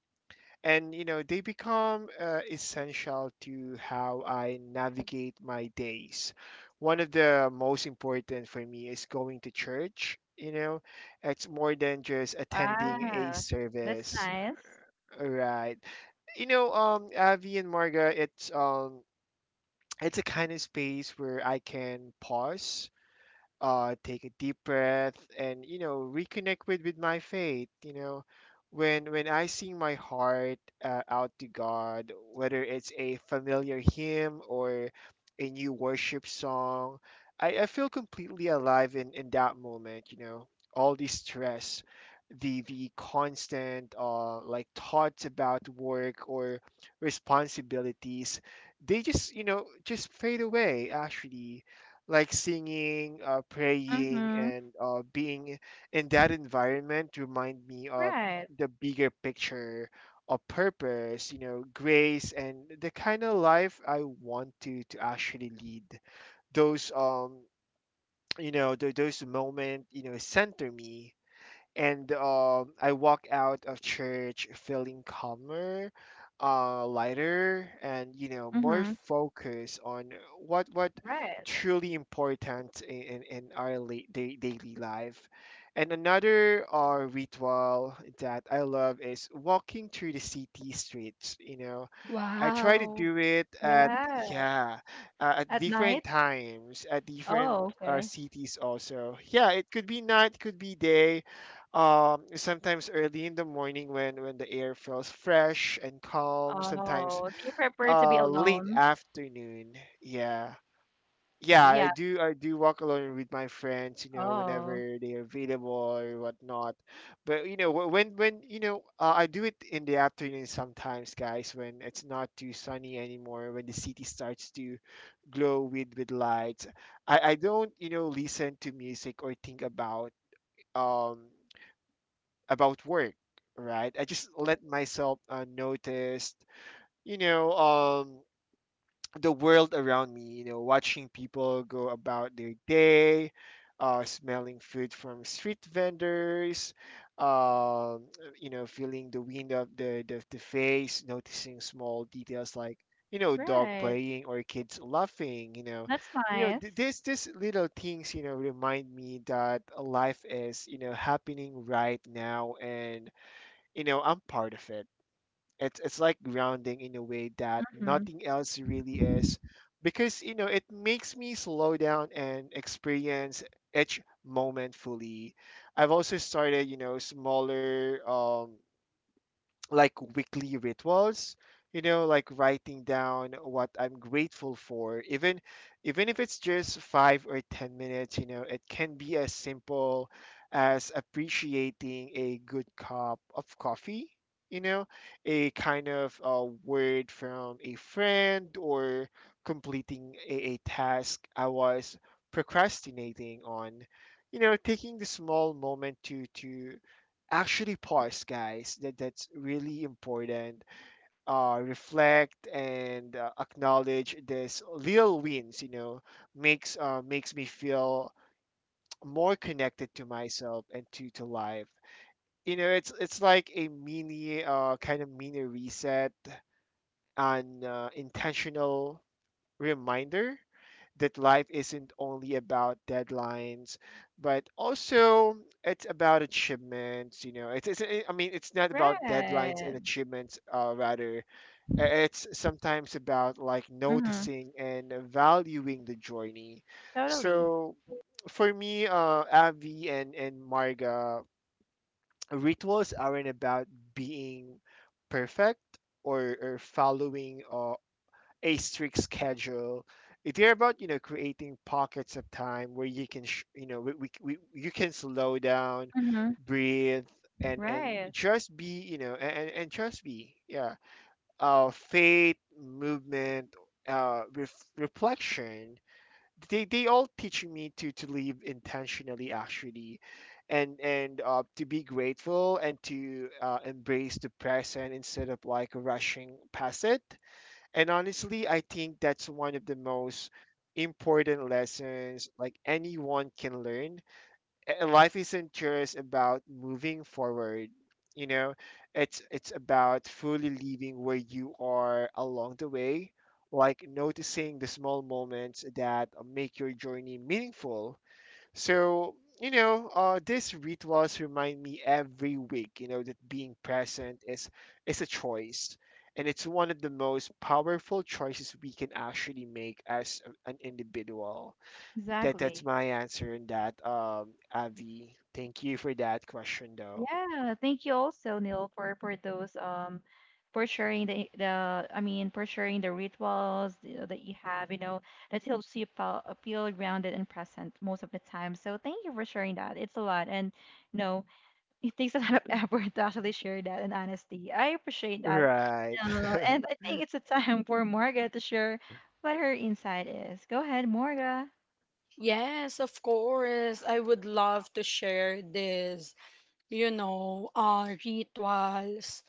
And you know, they become essential to how I navigate my days. One of the most important for me is going to church. You know, it's more than just attending a
Wow. That's
service,
nice.
right? You know, Avi and Marga, it's a kind of space where I can pause, take a deep breath, and you know, reconnect with my faith. You know, when I sing my heart out to God, whether it's a familiar hymn or a new worship song, I feel completely alive in that moment. You know, all the stress, the constant like thoughts about work or responsibilities, they just, you know, just fade away, actually. Like singing, praying,
Mm-hmm.
and being in that environment remind me of
Right.
the bigger picture of purpose, you know, grace, and the kind of life I want to actually lead. Those you know, those moment, you know, center me, and I walk out of church feeling calmer, lighter, and you know, more
Mhm.
focused on what
Right.
truly important in in our daily life. And another ritual that I love is walking through the city streets. You know, I try to
Wow, yes.
do it at,
Yeah.
yeah, at
At
different
night?
times, at different
Oh, okay.
cities also. Yeah, it could be night, it could be day. Sometimes early in the morning when the air feels fresh and calm. Sometimes
Oh, do you prefer to be
late
alone?
afternoon. Yeah, yeah, I
Yeah.
do. I do walk alone with my friends, you know,
Oh,
whenever they are available or whatnot. But you know, wh- when you know, I do it in the afternoon sometimes, guys, when it's not too sunny anymore, when the city starts to glow with lights. I don't, you know, listen to music or think um about work, right? I just let myself notice, you know, the world around me, you know, watching people go about their day, smelling food from street vendors, um, you know, feeling the wind of the face, noticing small details like, you know, dog
right.
playing or kids laughing, you know.
That's
You know,
nice.
this little things, you know, remind me that life is, you know, happening right now, and you know, I'm part of it. It's like grounding in a way that
Mhm.
nothing else really is, because you know, it makes me slow down and experience each moment fully. I've also started, you know, smaller. Like weekly rituals, you know, like writing down what I'm grateful for, even even if it's just 5 or 10 minutes. You know, it can be as simple as appreciating a good cup of coffee, you know, a kind of word from a friend, or completing a task I was procrastinating on. You know, taking the small moment to actually pause, guys, that that's really important. Uh, reflect and acknowledge this little wins, you know, makes makes me feel more connected to myself and to life. You know, it's like a mini kind of mini reset, an intentional reminder that life isn't only about deadlines, but also it's about achievements. You know, it's, I mean, it's not about deadlines and
Right.
achievements. Rather, it's sometimes about like
Mhm.
noticing and valuing the journey.
Totally.
So, for me, Avi and Marga, rituals aren't about being perfect or following a strict schedule. They're about, you know, creating pockets of time where you know, we you can slow down,
Mhm.
breathe, and
Right.
just be, you know, and just be, yeah. Faith, movement, reflection. They all teach me to live intentionally, actually, and to be grateful and to embrace the present instead of like rushing past it. And honestly, I think that's one of the most important lessons like anyone can learn. A- Life isn't just about moving forward, you know, it's about fully living where you are along the way, like noticing the small moments that make your journey meaningful. So, you know, these rituals remind me every week, you know, that being present is a choice, and it's one of the most powerful choices we can actually make as an individual. That that's
Exactly.
my answer in that, Avi. Thank you for that question, though.
Yeah, thank you also, Neil, for (laughs) those for sharing the I mean, for sharing the rituals that you have, you know, that helps you feel grounded and present most of the time. So thank you for sharing that. It's a lot, and you know, (laughs) it takes a lot of (laughs) effort to actually share that in honesty. I appreciate that,
Right,
and I
(laughs)
think it's a time for Marga to share what her insight is. Go ahead, Marga.
Yes, of course. I would love to share this, you know, rituals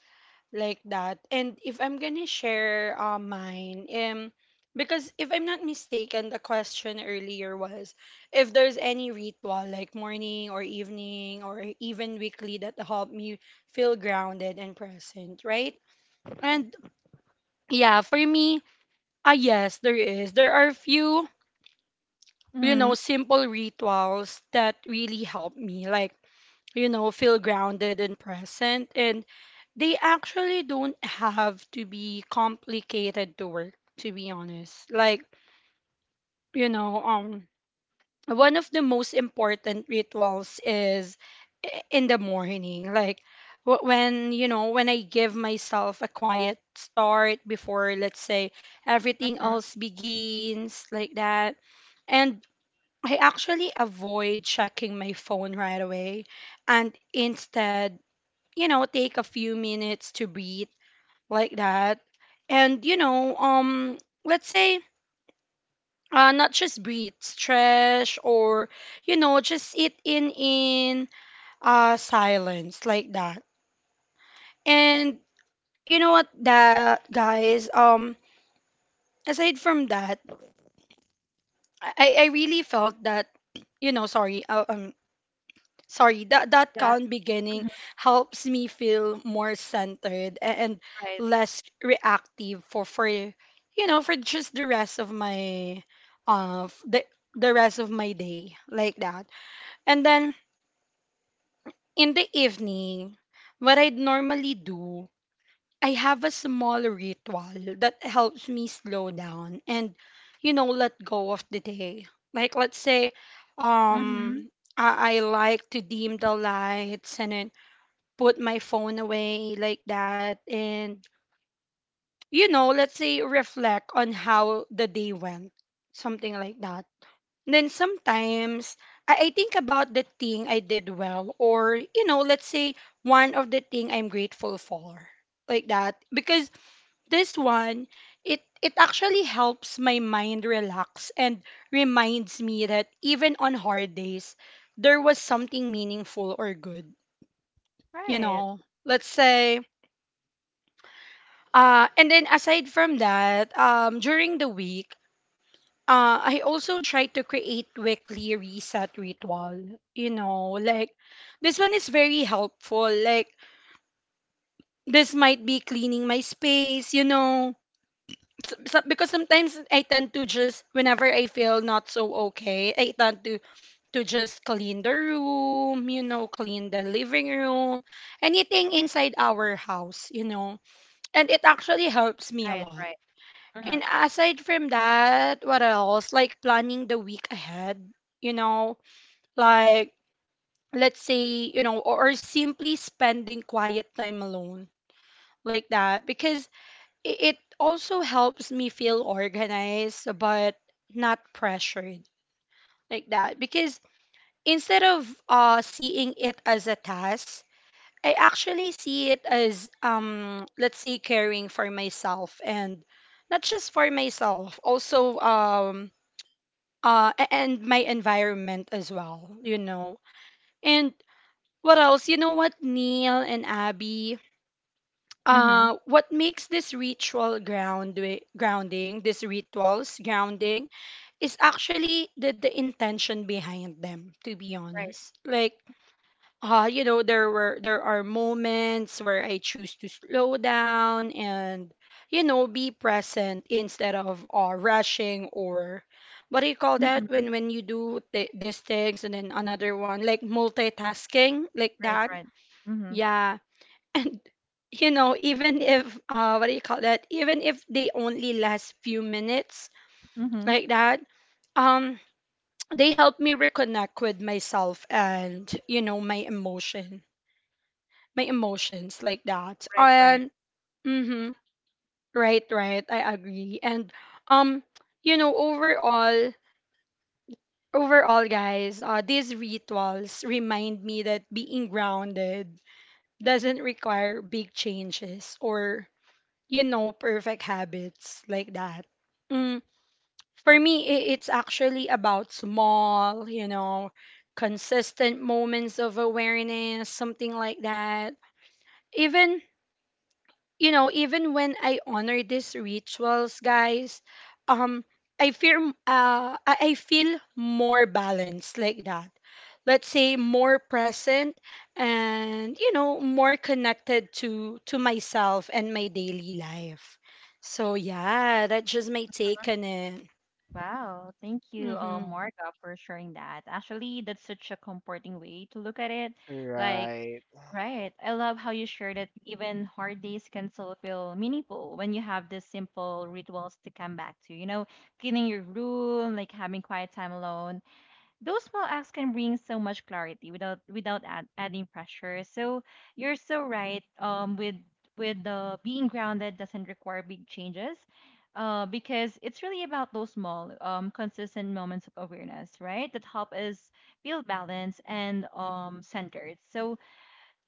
like that. And if I'm gonna share mine, because if I'm not mistaken, the question earlier was if there's any ritual like morning or evening or even weekly that help me feel grounded and present, right? And yeah, for me, ah, yes, there is. There are few, you
Mm-hmm.
know, simple rituals that really help me. Like, you know, feel grounded and present. And they actually don't have to be complicated to work, to be honest. Like, you know, one of the most important rituals is in the morning. Like, when I give myself a quiet start before, let's say, everything
Mhm.
else begins, like that. And I actually avoid checking my phone right away and instead, take a few minutes to breathe like that. And, you know, um, let's say not just breathe, stretch, or, just sit in silence like that. And you know what, that guys, aside from that, I really felt that, sorry, sorry that
Yeah.
calm beginning
Mhm.
helps me feel more centered and
Right.
less reactive for for just the rest of my uh f- the the rest of my day, like that. And then in the evening, what I'd normally do, I have a small ritual that helps me slow down and, you know, let go of the day. Like, let's say,
Mm-hmm.
um I like to dim the lights and then put my phone away like that, and, you know, let's say reflect on how the day went, something like that. Then sometimes I think about the thing I did well, or, you know, let's say one of the thing I'm grateful for, like that, because this one, it actually helps my mind relax and reminds me that even on hard days there was something meaningful or good, you
Right.
know let's say. And then aside from that, during the week, I also try to create weekly reset ritual. You know, like, this one is very helpful. Like, this might be cleaning my space. You know, because sometimes I tend to just whenever I feel not so okay, I tend to just clean the room. You know, clean the living room, anything inside our house. You know, and it actually helps me a
Right.
lot.
Right. Mhm.
And aside from that, what else? Like planning the week ahead, you know, like, let's say, you know, or simply spending quiet time alone, like that, because it also helps me feel organized but not pressured, like that, because instead of seeing it as a task, I actually see it as, let's say, caring for myself, and not just for myself, also, and my environment as well, you know. And what else, you know what, Neil and Abby,
Mhm.
what makes this ritual ground, grounding, these rituals grounding, is actually the intention behind them, to be
Right.
honest. Like, you know, there are moments where I choose to slow down and, you know, be present instead of, rushing, or what do you call that,
Mhm.
when you do these things and then another one, like multitasking, like
Right,
that.
right. Mhm.
Yeah. (laughs) And, you know, even if, what do you call that, even if they only last few minutes,
Mhm.
like that. um (tsk) they help me reconnect with myself and, you know, my emotion, my emotions, like that.
Right, right.
And mm-hmm, right, right, I agree. And, um, you know, overall, overall, guys, these rituals remind me that being grounded doesn't require big changes or, you know, perfect habits, like that. Mm, for me, it's actually about small, you know, consistent moments of awareness, something like that. Even, you know, even when I honor these rituals, guys, um, I feel, I feel more balanced, like that. Let's say more present and, you know, more connected to myself and my daily life. So yeah, that's just my take on it.
Wow. Thank you,
Mhm.
Morga, for sharing that. Actually, that's such a comforting way to look at it. Like,
right,
right. I love how you shared that even hard days can still feel meaningful when you have these simple rituals to come back to. You know, cleaning your room, like having quiet time alone, those small acts can bring so much clarity without without add, adding pressure. So you're so right. With the being grounded doesn't require big changes, because it's really about those small, consistent moments of awareness, right? That help us feel balanced and centered. So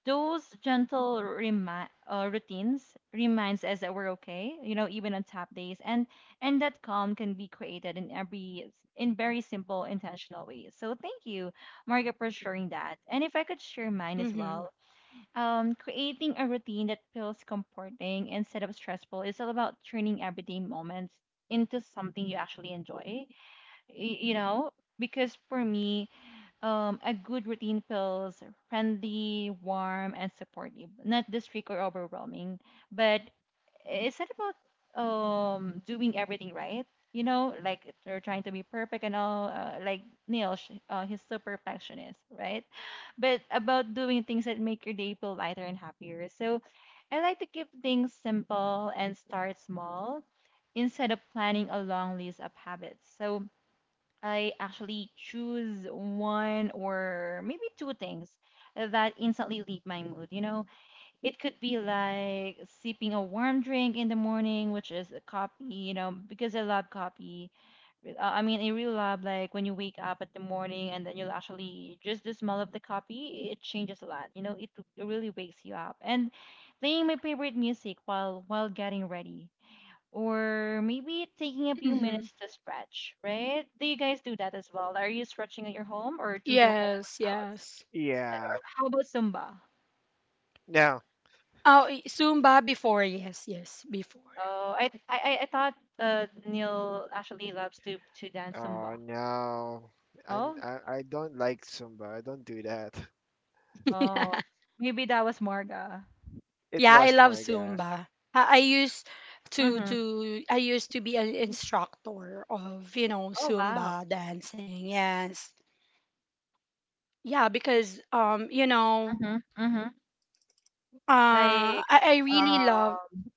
those gentle routines reminds us that we're okay, you know, even on top days, and that calm can be created in very simple, intentional ways. So thank you, Margaret, for sharing that. And if I could share mine as
Mhm.
well, creating a routine that feels comforting instead of stressful is all about turning everyday moments into something you actually enjoy. You know, because for me, a good routine feels friendly, warm, and supportive. Not strict or overwhelming, but it's not about doing everything right. You know, like they're trying to be perfect and all. Like Neil, he's so perfectionist, right? But about doing things that make your day feel lighter and happier. So, I like to keep things simple and start small instead of planning a long list of habits. So I actually choose one or maybe two things that instantly leave my mood. You know, it could be like sipping a warm drink in the morning, which is a coffee, you know, because I love coffee. I mean, I really love like when you wake up at the morning and then you'll actually just the smell of the coffee, it changes a lot. You know, it really wakes you up. And playing my favorite music while getting ready or maybe taking a few
Mhm.
minutes to stretch, right? Do you guys do that as well? Are you stretching at your home or do the home
Yes.
workouts?
Yes.
Or
yeah.
how about Zumba?
No,
Oh, Zumba before. Yes. Yes. Before.
Oh, I thought Neil actually loves to dance
oh
Zumba.
no,
Oh,
I don't like Zumba. I don't do that.
oh,
(laughs)
Maybe that was Marga.
It
Yeah, I
was
love
Marga.
Zumba. I used
Mm-hmm.
to I used to be an instructor of, you know,
Oh wow.
Zumba dancing. Yes. Yeah, because, you know,
Mm-hmm. Mm-hmm.
uh
Like,
I, I really love,
um,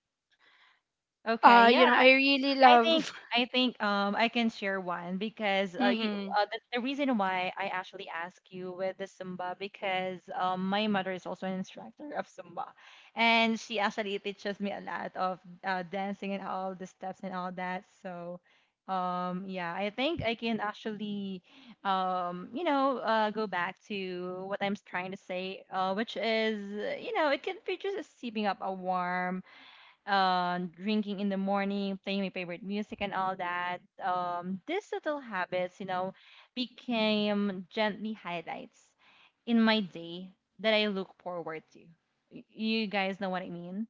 okay, yeah.
you know, I really
I think
love.
I think I can share one because
(laughs) Mhm.
the reason why I actually ask you with the Zumba because my mother is also an instructor of Zumba, and she actually teaches me a lot of dancing and all the steps and all that. So yeah, I think I can actually you know go back to what I'm trying to say, which is, you know, it can be just sipping up a warm drinking in the morning, playing my favorite music, and all that. These little habits, you know, became gently highlights in my day that I look forward to. You guys know what I mean?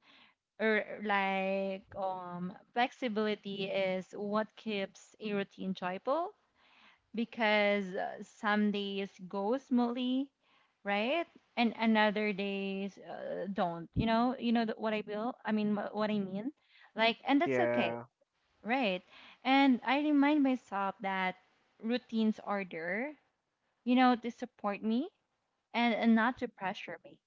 Or like flexibility is what keeps a routine joyful because some days go smoothly, right? And another days don't. You know what I mean. Like, and that's okay,
Yeah.
right? And I remind myself that routines are there, you know, to support me, and not to pressure me.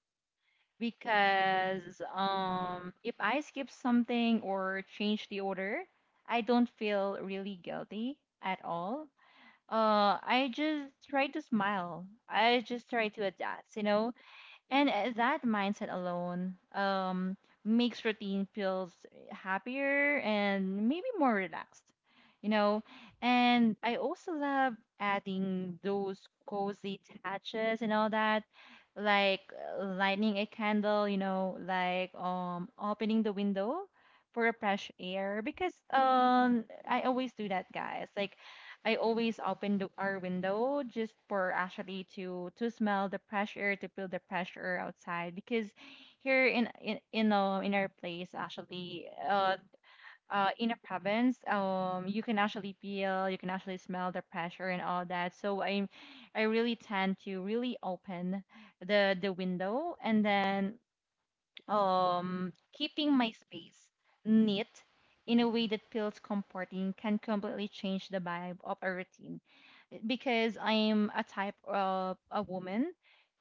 Because if I skip something or change the order, I don't feel really guilty at all. I just try to smile. I just try to adapt, you know? And that mindset alone makes routine feels happier and maybe more relaxed, you know? And I also love adding those cozy touches and all that, like lighting a candle, you know, like opening the window for a fresh air because I always do that, guys. Like I always open the, our window just for actually to smell the fresh air, to feel the fresh air outside. Because here in know in our place actually, in a province, you can actually feel, you can actually smell the pressure and all that. So I really tend to really open the window, and then keeping my space neat in a way that feels comforting can completely change the vibe of a routine, because I am a type of a woman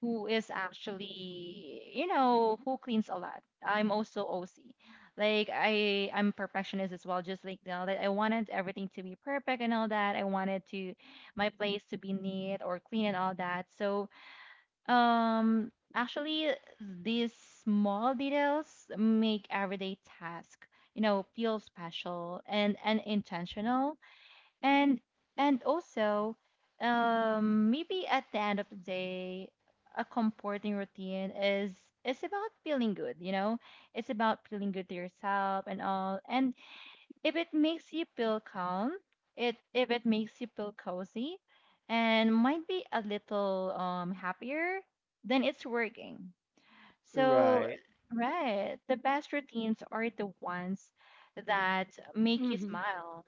who is actually, you know, who cleans a lot. I'm also OC. Like I'm perfectionist as well, just like, you know, that I wanted everything to be perfect and all that. I wanted to my place to be neat or clean and all that. So actually these small details make everyday task, you know, feel special and intentional, and and also, maybe at the end of the day, a comforting routine is about feeling good, you know? It's about feeling good to yourself and all. And if it makes you feel calm, it if it makes you feel cozy and might be a little happier, then it's working. So,
Right.
right, the best routines are the ones that make you
Mhm.
smile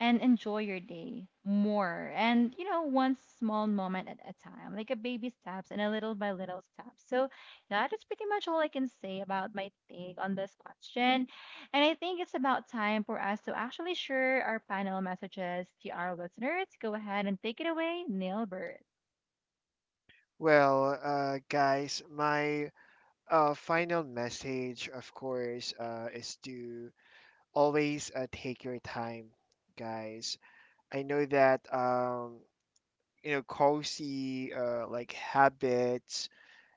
and enjoy your day more. And, you know, one small moment at a time, like a baby steps and a little by little steps. So, that is pretty much all I can say about my take on this question. And I think it's about time for us to actually share our final messages to our listeners. Go ahead and take it away, Nailbird.
Well, guys, my final message, of course, is to always take your time, guys. I know that, you know, cozy like habits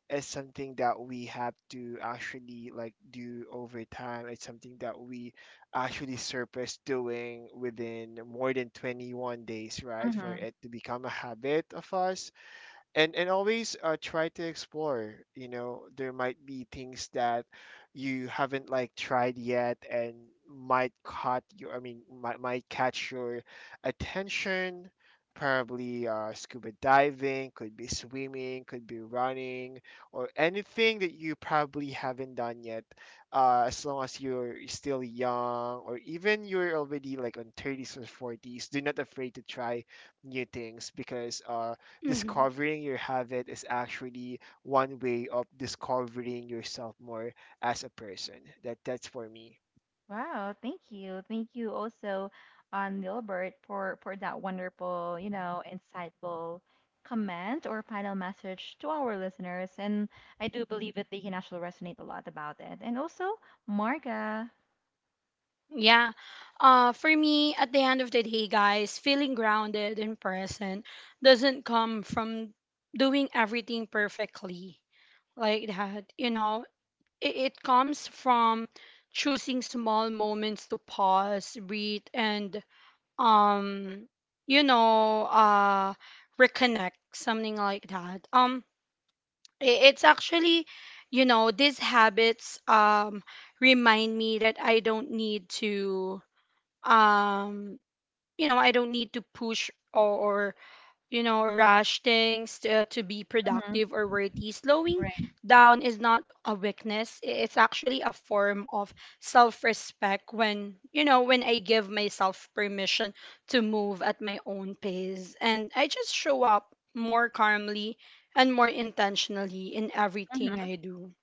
is something that we have to actually like do over time. It's something that we actually surface doing within more than 21 days, right? For it to become a habit of us. And always try to explore. You know, there might be things that you haven't like tried yet and might caught you, I mean, might catch your attention. Probably scuba diving, could be swimming, could be running, or anything that you probably haven't done yet, as long as you're still young, or even you're already like on 30s or 40s, do not afraid to try new things, because
Mhm.
discovering your habit is actually one way of discovering yourself more as a person. That that's for me.
Wow, thank you. Thank you also, Nilbert, for that wonderful, you know, insightful comment or final message to our listeners. And I do believe that they can actually resonate a lot about it. And also, Marga.
Yeah. Uh, for me, at the end of the day, guys, feeling grounded and present doesn't come from doing everything perfectly, like that. You know, it comes from choosing small moments to pause, breathe, and, um, you know, reconnect, something like that. It's actually, you know, these habits, remind me that I don't need to, um, you know, I don't need to push, or, you know, rush things to be
Hmm.
productive or worthy. Slowing
Right.
down is not a weakness. It's actually a form of self-respect when, you know, when I give myself permission to move at my own pace, and I just show up more calmly and more intentionally in everything
Hmm.
I do.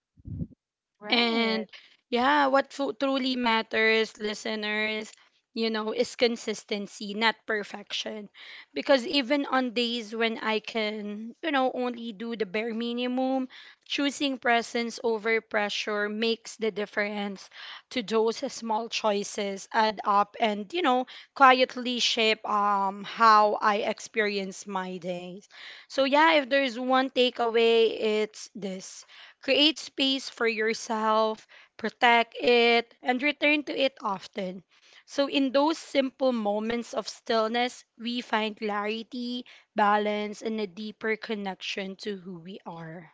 Right.
And yeah, what truly matters, listeners, you know, is consistency, not perfection. Because even on days when I can, you know, only do the bare minimum, choosing presence over pressure makes the difference to those small choices add up, and, you know, quietly shape how I experience my days. So yeah, if there's one takeaway, it's this. Create space for yourself, protect it, and return to it often. So, in those simple moments of stillness, we find clarity, balance, and a deeper connection to who we are.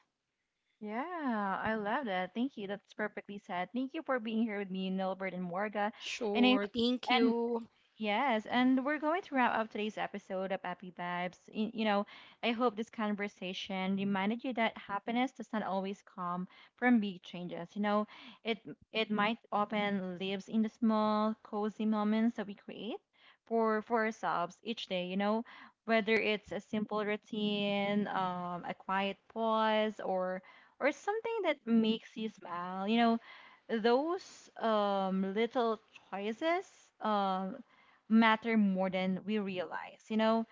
Yeah, I love that. Thank you. That's perfectly said. Thank you for being here with me, Nilbert and Marga. And I,
Sure, thank
and
you.
Yes, and we're going to wrap up today's episode of Happy Vibes. You know, I hope this conversation reminded you that happiness does not always come from big changes. You know, it it might often lives in the small, cozy moments that we create for ourselves each day. You know, whether it's a simple routine, a quiet pause, or something that makes you smile. You know, those little choices um, matter more than we realize, you know?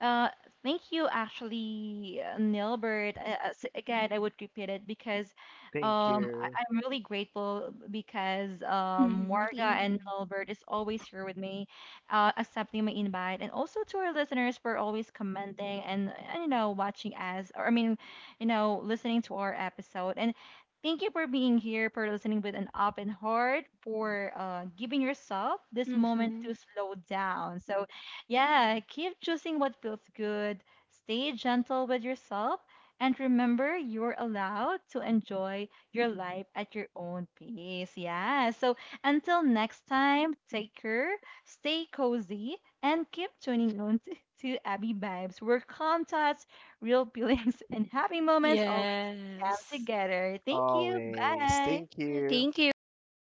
Uh, Thank you, actually, Nilbert. Again, I would repeat it because
Thank you.
I'm really grateful because
Hmm,
Morga
thank you.
and Nilbert is always here with me, accepting my invite, and also to our listeners for always commenting and you know watching us, or I mean, you know, listening to our episode. And thank you for being here, for listening with an open heart, for giving yourself this moment
Mm-hmm.
to slow down. So yeah, keep choosing what feels good, stay gentle with yourself, and remember you're allowed to enjoy your life at your own pace. Yeah, so until next time, take care, stay cozy, and keep tuning on to Abby Vibes, where calm thoughts, real (laughs) feelings, and happy moments always come
Yes.
together. Thank you.
Always.
Bye.
Thank you.
Thank you.